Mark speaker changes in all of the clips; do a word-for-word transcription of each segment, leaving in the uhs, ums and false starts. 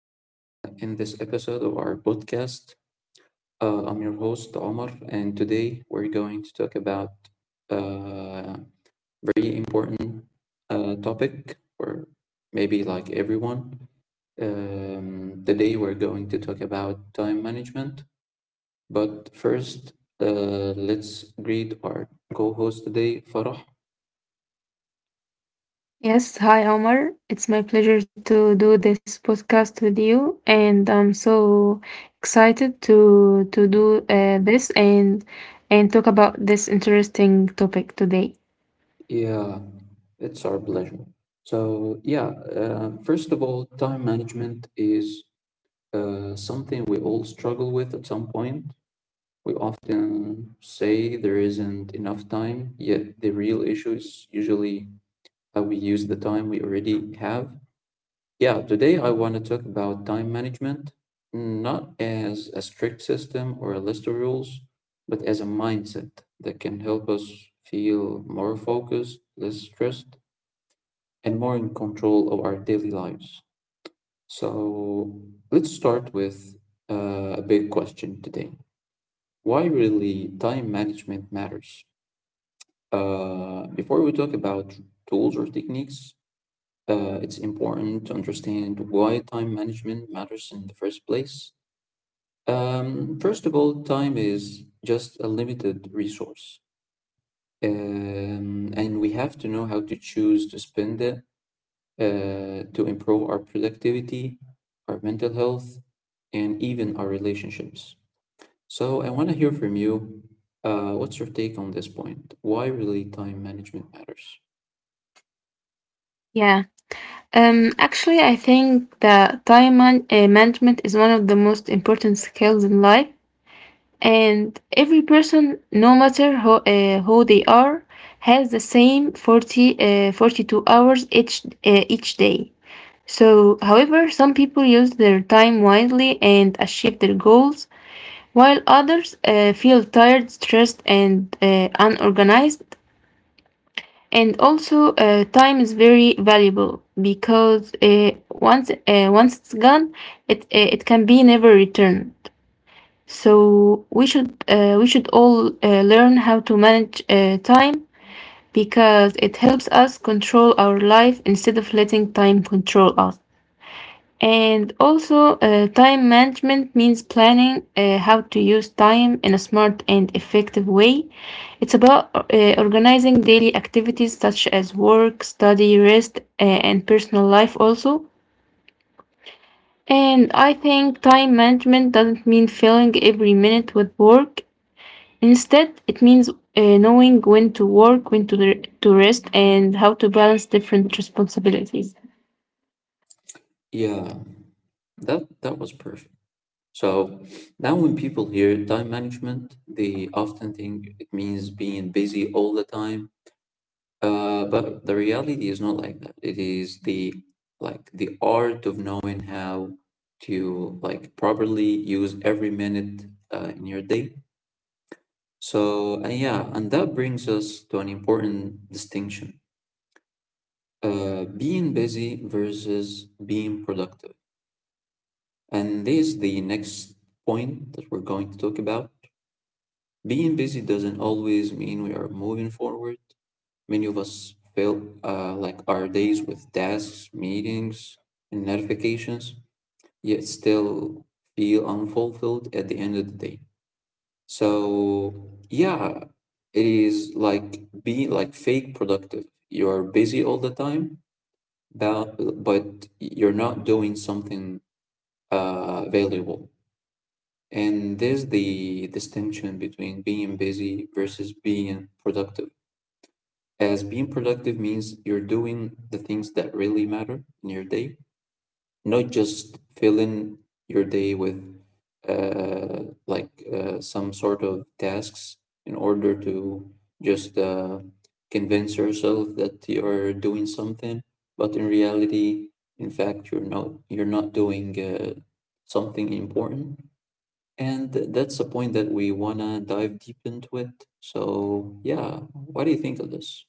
Speaker 1: uh, in this episode of our podcast. Uh, I'm your host, Omar, and today we're going to talk about uh, very important uh, topic for maybe like everyone. Um, today we're going to talk about time management, but first, uh, let's greet our co host today, Farah.
Speaker 2: Yes, hi Omar. It's my pleasure to do this podcast with you, and I'm so excited to to do uh, this and and talk about this interesting topic today.
Speaker 1: Yeah, it's our pleasure. So, yeah, uh, first of all, time management is uh, something we all struggle with at some point. We often say there isn't enough time, yet the real issue is usually how we use the time we already have. Yeah, today I want to talk about time management, not as a strict system or a list of rules, but as a mindset that can help us feel more focused, less stressed and more in control of our daily lives. So let's start with uh, a big question today. Why really time management matters? Uh, before we talk about tools or techniques, uh, it's important to understand why time management matters in the first place. Um, first of all, time is just a limited resource, um, and we have to know how to choose to spend it uh, to improve our productivity, our mental health, and even our relationships. So, I want to hear from you. Uh, what's your take on this point? Why really time management matters?
Speaker 2: Yeah. Um, actually, I think that time man uh, management is one of the most important skills in life, and every person, no matter who, uh, who they are, has the same forty, uh, forty-two hours each uh, each day. So, however, some people use their time wisely and achieve their goals, while others uh, feel tired, stressed, and uh, unorganized. And also, uh, time is very valuable because uh, once uh, once it's gone, it uh, it can be never returned. So we should uh, we should all uh, learn how to manage uh, time because it helps us control our life instead of letting time control us. And also, uh, time management means planning uh, how to use time in a smart and effective way. It's about uh, organizing daily activities such as work, study, rest, uh, and personal life also. And I think time management doesn't mean filling every minute with work. Instead, it means uh, knowing when to work, when to, to rest, and how to balance different responsibilities.
Speaker 1: Yeah, that that was perfect. So now when people hear time management, they often think it means being busy all the time. Uh, but the reality is not like that. It is the like the art of knowing how to like properly use every minute uh, in your day. So and yeah, and that brings us to an important distinction: uh, being busy versus being productive. And this is the next point that we're going to talk about. Being busy doesn't always mean we are moving forward. Many of us fill uh, like our days with tasks, meetings, and notifications, yet still feel unfulfilled at the end of the day. So yeah, it is like being like fake productive. You're busy all the time, but but you're not doing something uh, valuable. And there's the distinction between being busy versus being productive. As being productive means you're doing the things that really matter in your day, not just filling your day with uh, like uh, some sort of tasks in order to just uh, convince yourself that you're doing something, but in reality, in fact, you're not you're not doing uh, something important. And th- that's a point that we wanna dive deep into it. So yeah, what do you think of this?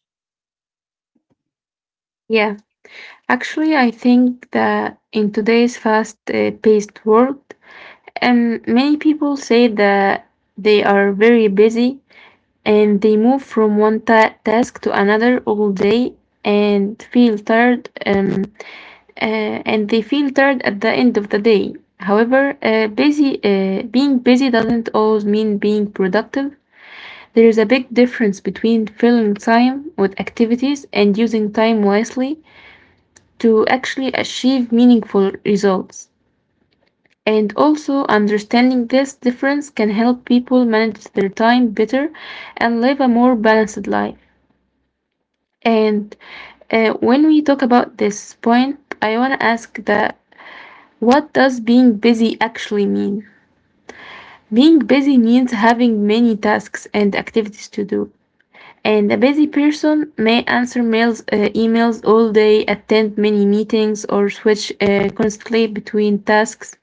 Speaker 2: Yeah. Actually, I think that in today's fast-paced world, um, many people say that they are very busy and they move from one ta- task to another all day and feel tired. Um, uh, and they feel tired at the end of the day. However, uh, busy uh, being busy doesn't always mean being productive. There is a big difference between filling time with activities and using time wisely to actually achieve meaningful results. And also, understanding this difference can help people manage their time better and live a more balanced life. And uh, when we talk about this point, I want to ask that what does being busy actually mean? Being busy means having many tasks and activities to do. And a busy person may answer mails, uh, emails all day, attend many meetings, or switch uh, constantly between tasks.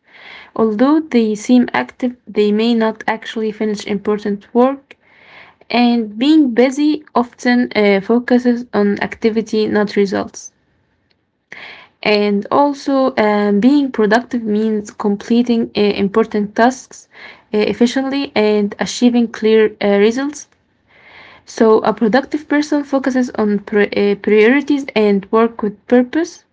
Speaker 2: Although they seem active, they may not actually finish important work, and being busy often uh, focuses on activity, not results. And also, um, being productive means completing uh, important tasks uh, efficiently and achieving clear uh, results. So, a productive person focuses on pri- uh, priorities and work with purpose.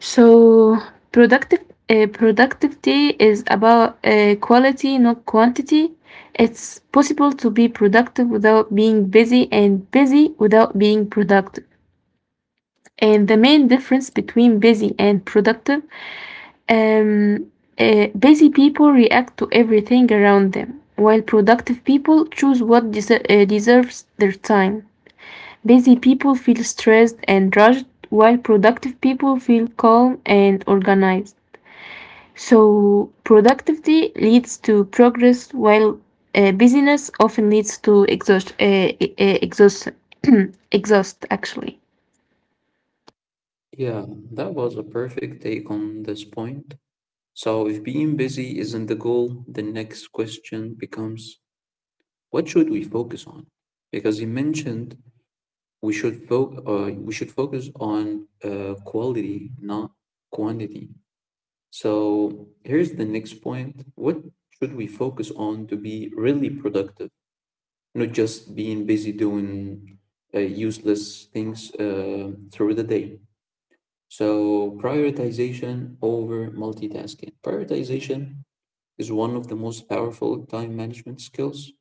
Speaker 2: So productive uh, productivity is about uh, quality, not quantity. It's possible to be productive without being busy and busy without being productive. And the main difference between busy and productive, um, uh, busy people react to everything around them, while productive people choose what deser- uh, deserves their time. Busy people feel stressed and rushed, while productive people feel calm and organized. So productivity leads to progress, while uh, busyness often leads to exhaust, uh, e- e- exhaust, exhaust. Actually,
Speaker 1: Yeah, that was a perfect take on this point. So, if being busy isn't the goal, the next question becomes what should we focus on? Because you mentioned we should fo- uh, we should focus on uh, quality, not quantity. So, here's the next point. What should we focus on to be really productive? Not just being busy doing uh, useless things uh, through the day. So, prioritization over multitasking. Prioritization is one of the most powerful time management skills.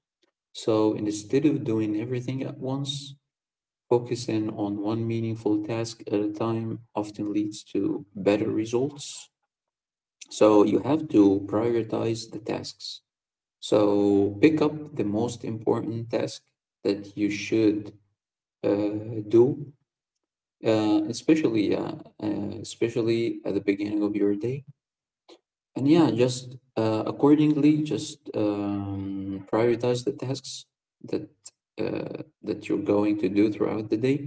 Speaker 1: So, instead of doing everything at once, focusing on one meaningful task at a time often leads to better results. So, you have to prioritize the tasks. So, pick up the most important task that you should uh, do, uh, especially, uh, uh, especially at the beginning of your day. And yeah, just uh, accordingly, just um, prioritize the tasks that uh, that you're going to do throughout the day,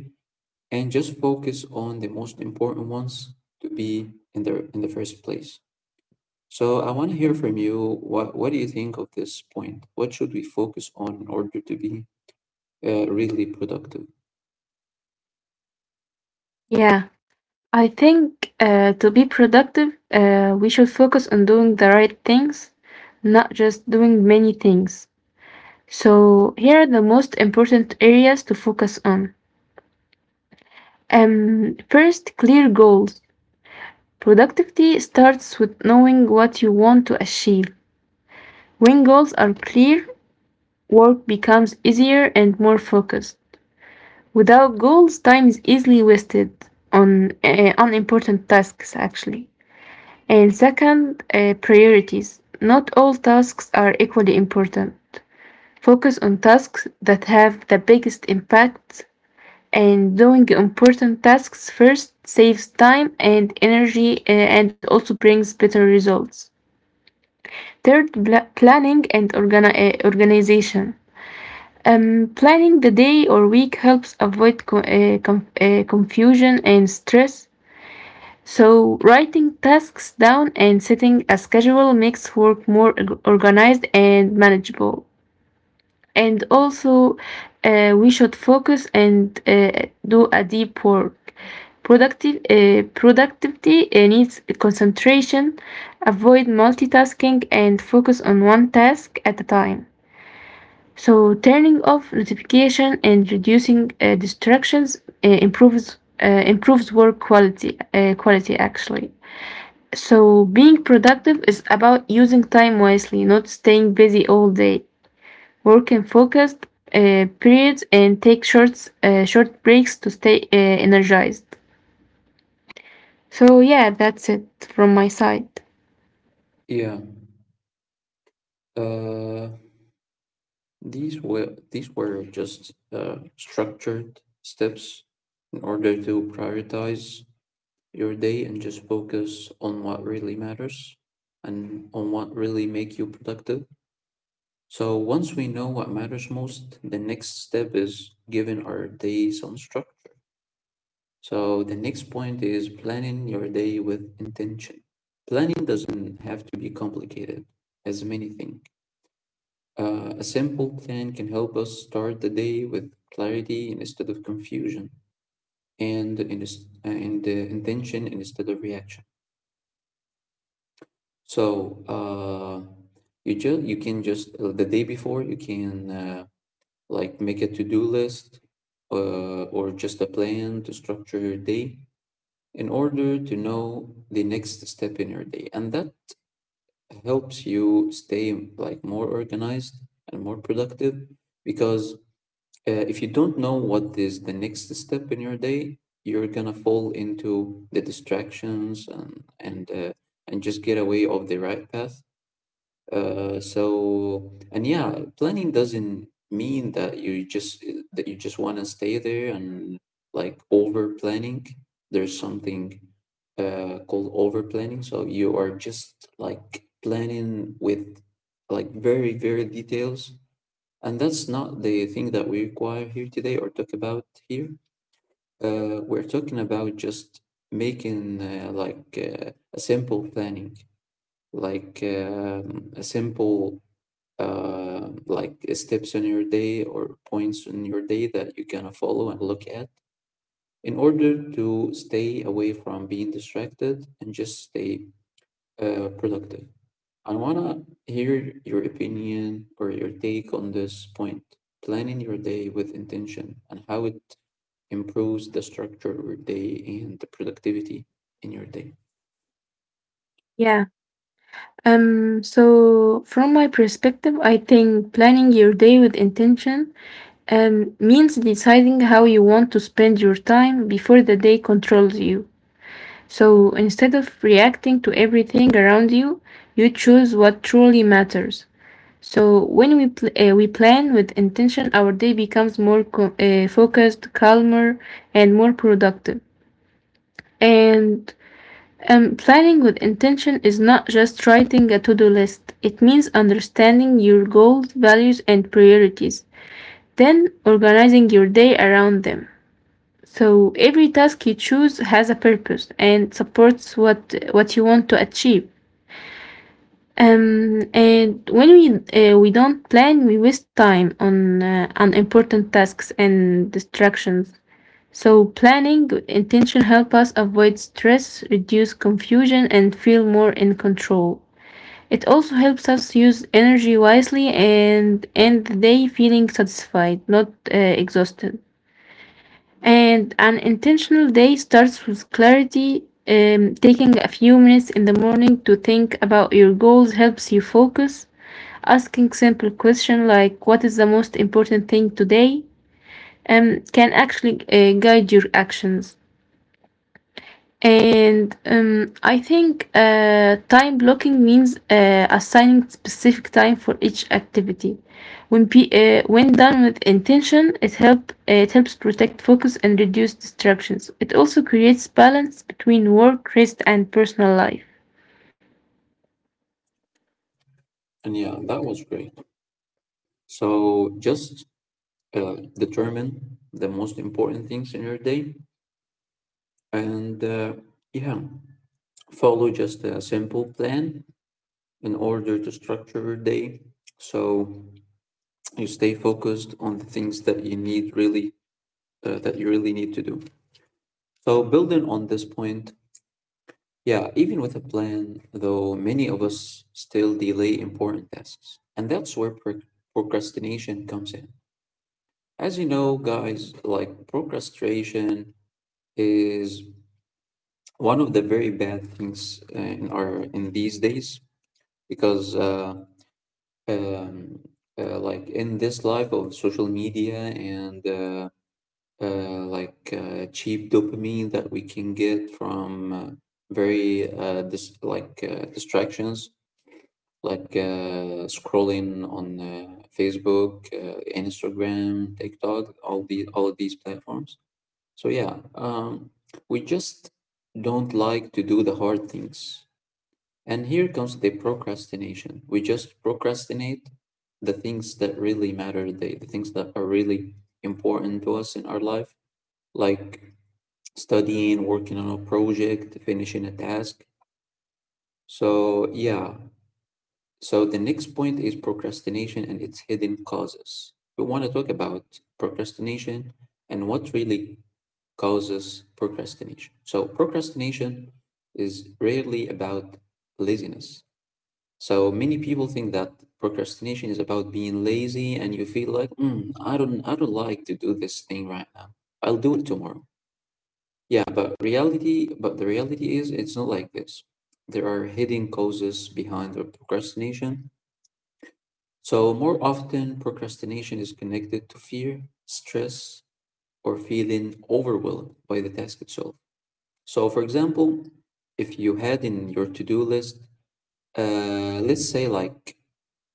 Speaker 1: and just focus on the most important ones to be in the in the first place. So I want to hear from you. What what do you think of this point? What should we focus on in order to be uh, really productive?
Speaker 2: yeah, I think uh, to be productive, uh, we should focus on doing the right things, not just doing many things. So here are the most important areas to focus on. Um, first, clear goals. Productivity starts with knowing what you want to achieve. When goals are clear, work becomes easier and more focused. Without goals, time is easily wasted on uh, unimportant tasks, actually. And second, uh, priorities. Not all tasks are equally important. Focus on tasks that have the biggest impact, and doing important tasks first saves time and energy uh, and also brings better results. Third, pla- planning and organi- uh, organization. Um, planning the day or week helps avoid co- uh, com- uh, confusion and stress. So, writing tasks down and setting a schedule makes work more org- organized and manageable. And also, uh, we should focus and uh, do a deep work. Productive, uh, productivity uh, needs concentration. Avoid multitasking and focus on one task at a time. So turning off notification and reducing uh, distractions uh, improves uh, improves work quality uh, quality actually. So being productive is about using time wisely, not staying busy all day. Work in focused uh, periods and take short uh, short breaks to stay uh, energized. So yeah, that's it from my side.
Speaker 1: Yeah. Uh, these were these were just uh, structured steps in order to prioritize your day and just focus on what really matters and on what really make you productive. So once we know what matters most, the next step is giving our day some structure. So the next point is planning your day with intention. Planning doesn't have to be complicated, as many think. Uh, a simple plan can help us start the day with clarity instead of confusion, and, in, and uh, intention instead of reaction. So uh, you just you can just uh, the day before you can uh, like make a to-do list uh, or just a plan to structure your day in order to know the next step in your day, and that helps you stay like more organized and more productive because uh, if you don't know what is the next step in your day, you're gonna fall into the distractions and and uh, and just get away of the right path uh, so and yeah, planning doesn't mean that you just that you just want to stay there and like over planning. There's something uh, called over planning. So you are just like planning with like very very details, and that's not the thing that we require here today or talk about here. Uh, we're talking about just making uh, like uh, a simple planning, like um, a simple uh, like steps in your day or points in your day that you can follow and look at in order to stay away from being distracted and just stay uh, productive. I wanna hear your opinion or your take on this point. Planning your day with intention and how it improves the structure of your day and the productivity in your day.
Speaker 2: Yeah. Um, so from my perspective, I think planning your day with intention Um, means deciding how you want to spend your time before the day controls you. So instead of reacting to everything around you, you choose what truly matters. So when we pl- uh, we plan with intention, our day becomes more co- uh, focused, calmer, and more productive. And um, planning with intention is not just writing a to-do list. It means understanding your goals, values, and priorities, then organizing your day around them. So every task you choose has a purpose and supports what what you want to achieve. Um, and when we uh, we don't plan, we waste time on uh, unimportant tasks and distractions. So planning with intention help us avoid stress, reduce confusion, and feel more in control. It also helps us use energy wisely and end the day feeling satisfied, not uh, exhausted. And an intentional day starts with clarity. Um, taking a few minutes in the morning to think about your goals helps you focus. Asking simple questions like, what is the most important thing today? Um, can actually uh, guide your actions. And um, I think uh, time blocking means uh, assigning specific time for each activity. When pe- uh, when done with intention, it help uh, it helps protect focus and reduce distractions. It also creates balance between work, rest, and personal life.
Speaker 1: And yeah, that was great. So just uh, determine the most important things in your day. And uh, yeah, follow just a simple plan in order to structure your day so you stay focused on the things that you need really uh, that you really need to do. So building on this point, yeah, even with a plan, though many of us still delay important tasks. And that's where proc- procrastination comes in. As you know, guys, like procrastination is one of the very bad things uh, in our in these days because uh, um, uh, like in this life of social media and uh, uh, like uh, cheap dopamine that we can get from uh, very uh, dis- like uh, distractions like uh, scrolling on uh, Facebook, uh, Instagram, TikTok, all the all of these platforms. So yeah, um, we just don't like to do the hard things and here comes the procrastination. We just procrastinate the things that really matter, the, the things that are really important to us in our life, like studying, working on a project, finishing a task. So, yeah. So, the next point is procrastination and its hidden causes. We want to talk about procrastination and what really causes procrastination. So, procrastination is rarely about laziness. So many people think that procrastination is about being lazy, and you feel like, mm, I don't, I don't like to do this thing right now. I'll do it tomorrow. Yeah, but reality, but the reality is, it's not like this. There are hidden causes behind our procrastination. So more often, procrastination is connected to fear, stress, or feeling overwhelmed by the task itself. So, for example, if you had in your to-do list, uh, let's say like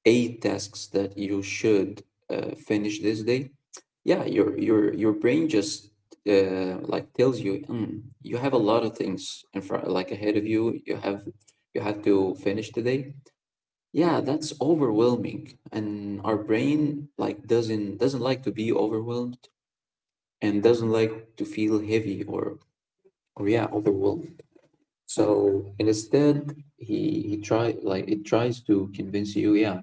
Speaker 1: eight tasks that you should uh, finish this day, yeah, your your your brain just uh, like tells you, mm, you have a lot of things in front, like ahead of you. You have you have to finish today. Yeah, that's overwhelming, and our brain like doesn't doesn't like to be overwhelmed and doesn't like to feel heavy or or yeah overwhelmed. So and instead, he he try like it tries to convince you, yeah,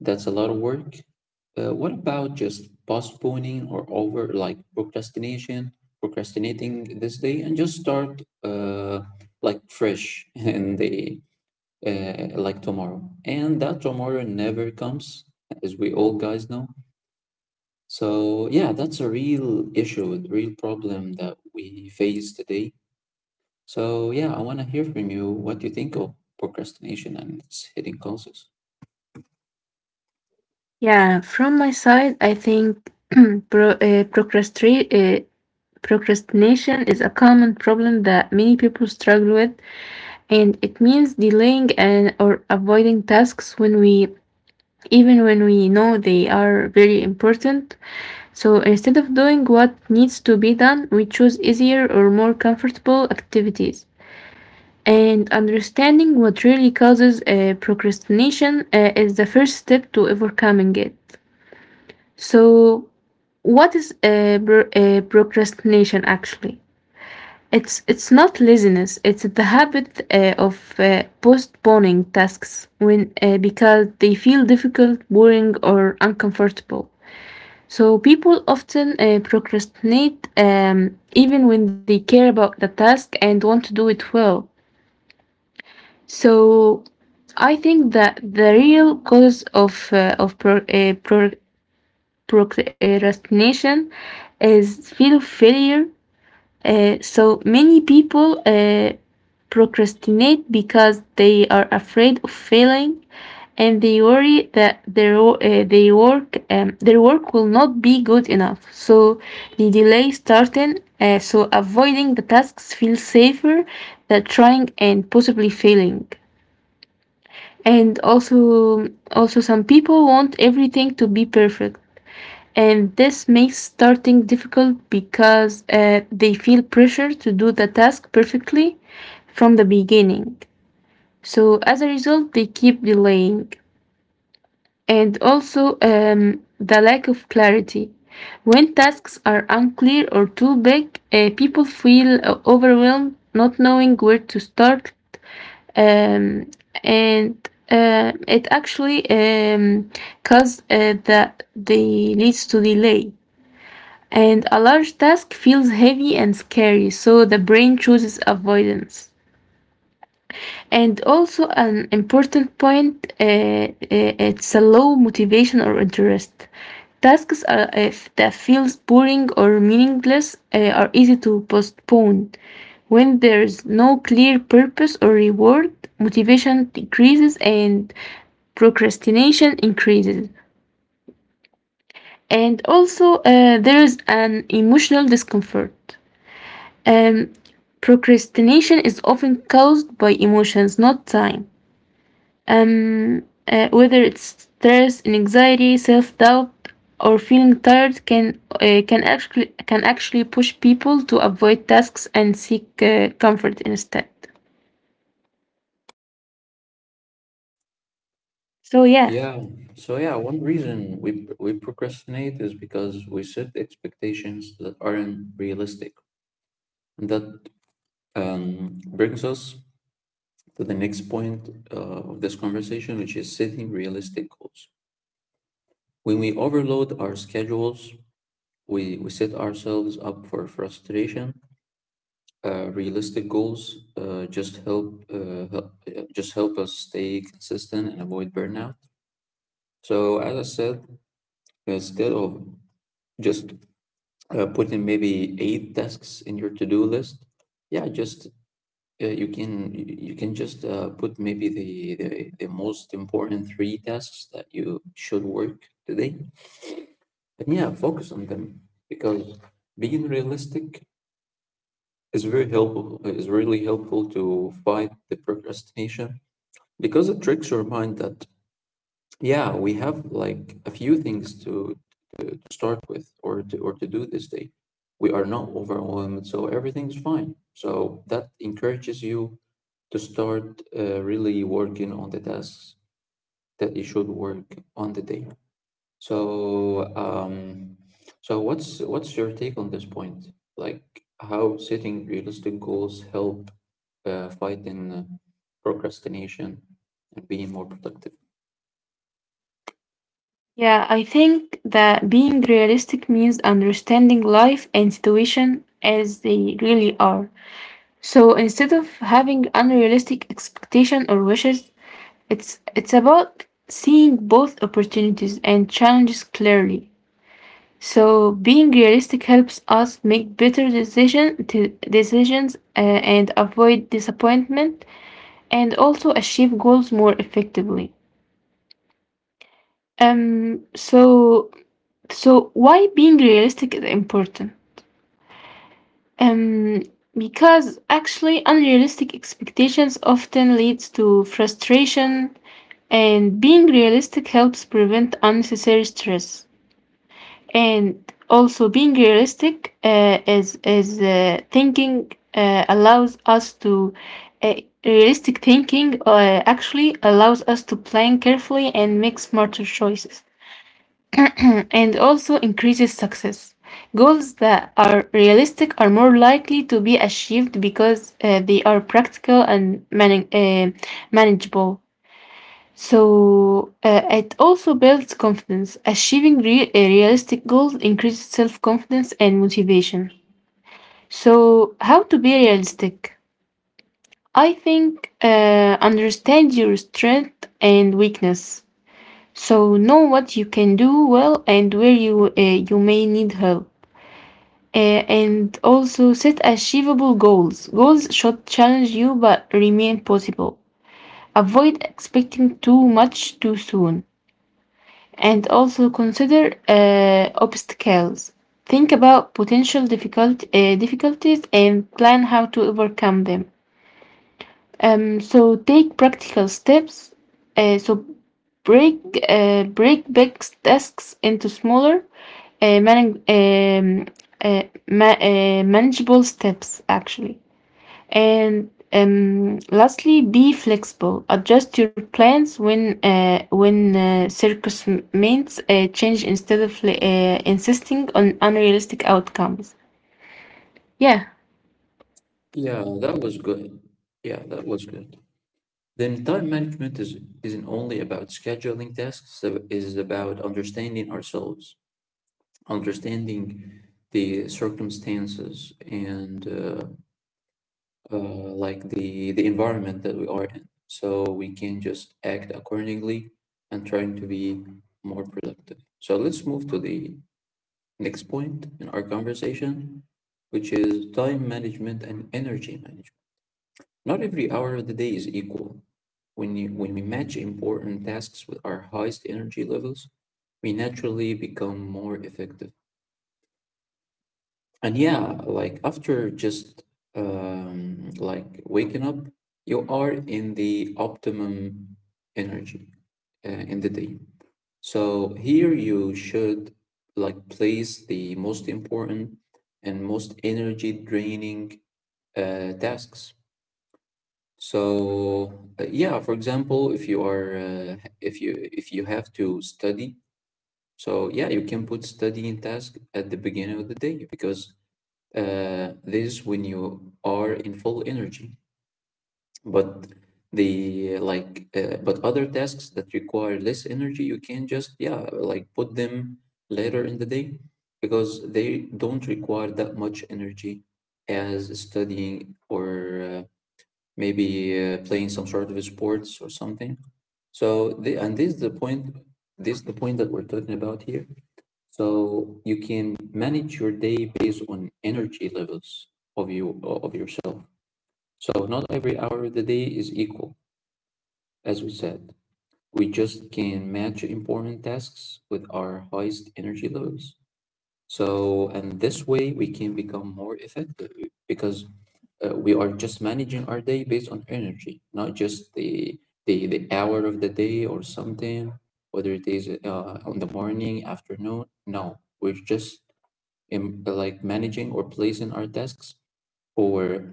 Speaker 1: that's a lot of work. Uh, what about just postponing or over like procrastination, procrastinating this day and just start uh, like fresh and the uh, like tomorrow. And that tomorrow never comes, as we all guys know. So yeah, that's a real issue, a real problem that we face today. So yeah, I want to hear from you what you think of procrastination and its hidden causes.
Speaker 2: Yeah, from my side, I think pro- uh, procrastra- uh, procrastination is a common problem that many people struggle with and it means delaying and or avoiding tasks when we even when we know they are very important. So instead of doing what needs to be done, we choose easier or more comfortable activities. And understanding what really causes uh, procrastination uh, is the first step to overcoming it. So, what is uh, pro- uh, procrastination actually? It's it's not laziness. It's the habit uh, of uh, postponing tasks when uh, because they feel difficult, boring, or uncomfortable. So people often uh, procrastinate um, even when they care about the task and want to do it well. So I think that the real cause of uh, of pro, uh, pro, procrastination is fear of failure. Uh, so many people uh, procrastinate because they are afraid of failing and they worry that their, wo- uh, they work, um, their work will not be good enough. So they delay starting, uh, so avoiding the tasks feels safer than trying and possibly failing. And also, also some people want everything to be perfect and this makes starting difficult because uh, they feel pressure to do the task perfectly from the beginning. So, as a result, they keep delaying. And also, um, the lack of clarity. When tasks are unclear or too big, uh, people feel uh, overwhelmed, not knowing where to start. Um, and uh, It actually um, causes uh, the, the leads to delay and a large task feels heavy and scary, so the brain chooses avoidance. And also, an important point uh, uh, it's a low motivation or interest. Tasks are, if that feels boring or meaningless uh, are easy to postpone. When there's no clear purpose or reward, motivation decreases and procrastination increases. And also, uh, there's an emotional discomfort. Um, Procrastination is often caused by emotions, not time. Um, uh, whether it's stress, anxiety, self-doubt, or feeling tired, can uh, can actually can actually push people to avoid tasks and seek uh, comfort instead. So yeah.
Speaker 1: Yeah. So yeah, one reason we we procrastinate is because we set expectations that aren't realistic. And that um, brings us to the next point uh, of this conversation, which is setting realistic goals. When we overload our schedules, we we set ourselves up for frustration. Uh, realistic goals uh, just help, uh, help uh, just help us stay consistent and avoid burnout. So as I said, instead of just uh, putting maybe eight tasks in your to-do list, yeah, just uh, you can you you can just uh, put maybe the, the the most important three tasks that you should work today, and yeah, focus on them, because being realistic is very helpful is really helpful to fight the procrastination, because it tricks your mind that yeah, we have like a few things to start with or to or to do this day. We are not overwhelmed, so everything's fine, so that encourages you to start uh, really working on the tasks that you should work on the day. So um so what's what's your take on this point, like how setting realistic goals help uh, fighting uh, procrastination and being more productive?
Speaker 2: Yeah, I think that being realistic means understanding life and situation as they really are. So instead of having unrealistic expectation or wishes, it's it's about seeing both opportunities and challenges clearly. So being realistic helps us make better decision t- decisions uh, and avoid disappointment and also achieve goals more effectively. Um, so So why being realistic is important? Um, because actually unrealistic expectations often leads to frustration and being realistic helps prevent unnecessary stress. And also being realistic uh, is is uh, thinking uh, allows us to uh, realistic thinking uh, actually allows us to plan carefully and make smarter choices. And also increases success. Goals that are realistic are more likely to be achieved because uh, they are practical and mani- uh, manageable. So uh, it also builds confidence. Achieving re- uh, realistic goals increases self confidence and motivation. So, how to be realistic? I think uh, understand your strength and weakness. So know what you can do well and where you uh, you may need help. Uh, and also set achievable goals. Goals should challenge you but remain possible. Avoid expecting too much too soon. And also consider uh, obstacles. Think about potential difficult, uh, difficulties and plan how to overcome them. Um, so take practical steps. Uh, so break uh, break big tasks into smaller uh, man- um, uh, ma- uh, manageable steps actually. And um, lastly, be flexible, adjust your plans when uh, when uh, circumstances uh, change instead of uh, insisting on unrealistic outcomes. Yeah.
Speaker 1: Yeah, that was good. yeah that was good Then time management is, isn't only about scheduling tasks, it is about understanding ourselves, understanding the circumstances and, uh, uh, like the, the environment that we are in. So we can just act accordingly and trying to be more productive. So let's move to the next point in our conversation, which is time management and energy management. Not every hour of the day is equal. When, you, when we match important tasks with our highest energy levels, we naturally become more effective. And yeah, like after just um, like waking up, you are in the optimum energy uh, in the day. So here you should like place the most important and most energy draining uh, tasks. So uh, yeah, for example, if you are uh, if you if you have to study, so yeah, you can put studying task at the beginning of the day because uh, this is when you are in full energy. But the like uh, but other tasks that require less energy, you can just, yeah, like put them later in the day, because they don't require that much energy as studying or uh, maybe uh, playing some sort of sports or something. So the, and this is the point, this is the point that we're talking about here. So you can manage your day based on energy levels of you of yourself. So not every hour of the day is equal, as we said. We just can match important tasks with our highest energy levels. So, and this way we can become more effective, because uh, we are just managing our day based on energy, not just the the, the hour of the day or something, whether it is uh, on the morning, afternoon. No, we're just um, like managing or placing our tasks or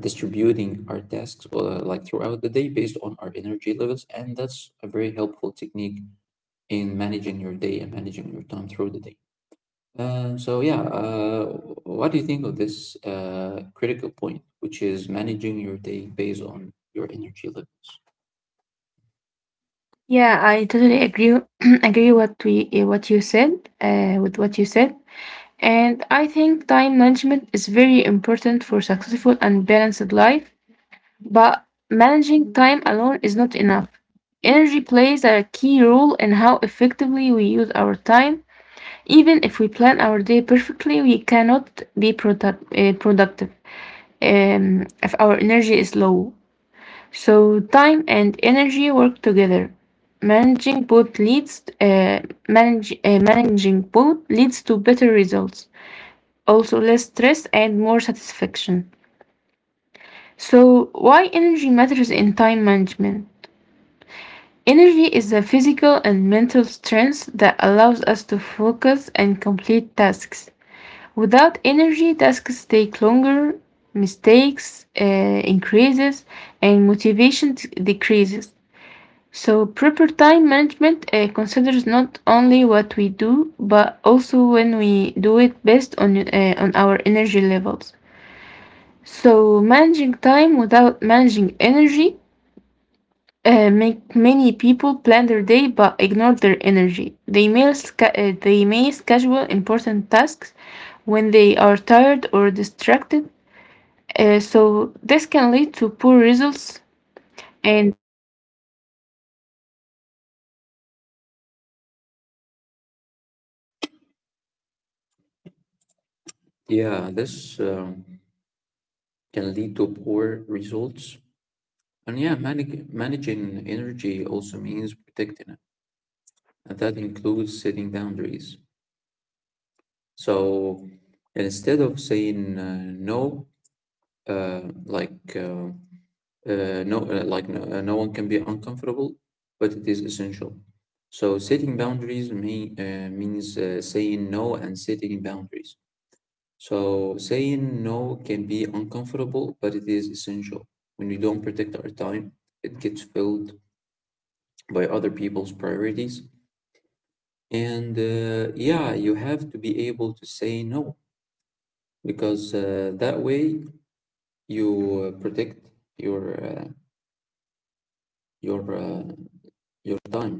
Speaker 1: distributing our tasks uh, like throughout the day based on our energy levels, and that's a very helpful technique in managing your day and managing your time through the day. Uh, so yeah, uh, what do you think of this uh, critical point, which is managing your day based on your energy level?
Speaker 2: Yeah, I totally agree agree what we uh, what you said uh, with what you said, and I think time management is very important for successful and balanced life. But managing time alone is not enough. Energy plays a key role in how effectively we use our time. Even if we plan our day perfectly, we cannot be product, uh, productive um, if our energy is low. So, time and energy work together. Managing both leads uh, manage, uh, Managing both leads to better results, also less stress and more satisfaction. So, why energy matters in time management? Energy is a physical and mental strength that allows us to focus and complete tasks. Without energy, tasks take longer, mistakes uh, increases, and motivation t- decreases. So proper time management uh, considers not only what we do, but also when we do it based on uh, on our energy levels. So managing time without managing energy uh, make many people plan their day but ignore their energy. They may, sca- uh, they may schedule important tasks when they are tired or distracted, uh, so this can lead to poor results and
Speaker 1: Yeah, this um, can lead to poor results. And yeah, manag managing energy also means protecting it, and that includes setting boundaries. So instead of saying uh, no, uh, like uh, uh, no uh, like no, uh, no one can be uncomfortable, but it is essential. So setting boundaries may, uh, means uh, saying no and setting boundaries. So saying no can be uncomfortable, but it is essential. When we don't protect our time, it gets filled by other people's priorities. And uh, yeah, you have to be able to say no, because uh, that way you uh, protect your uh, your uh, your time.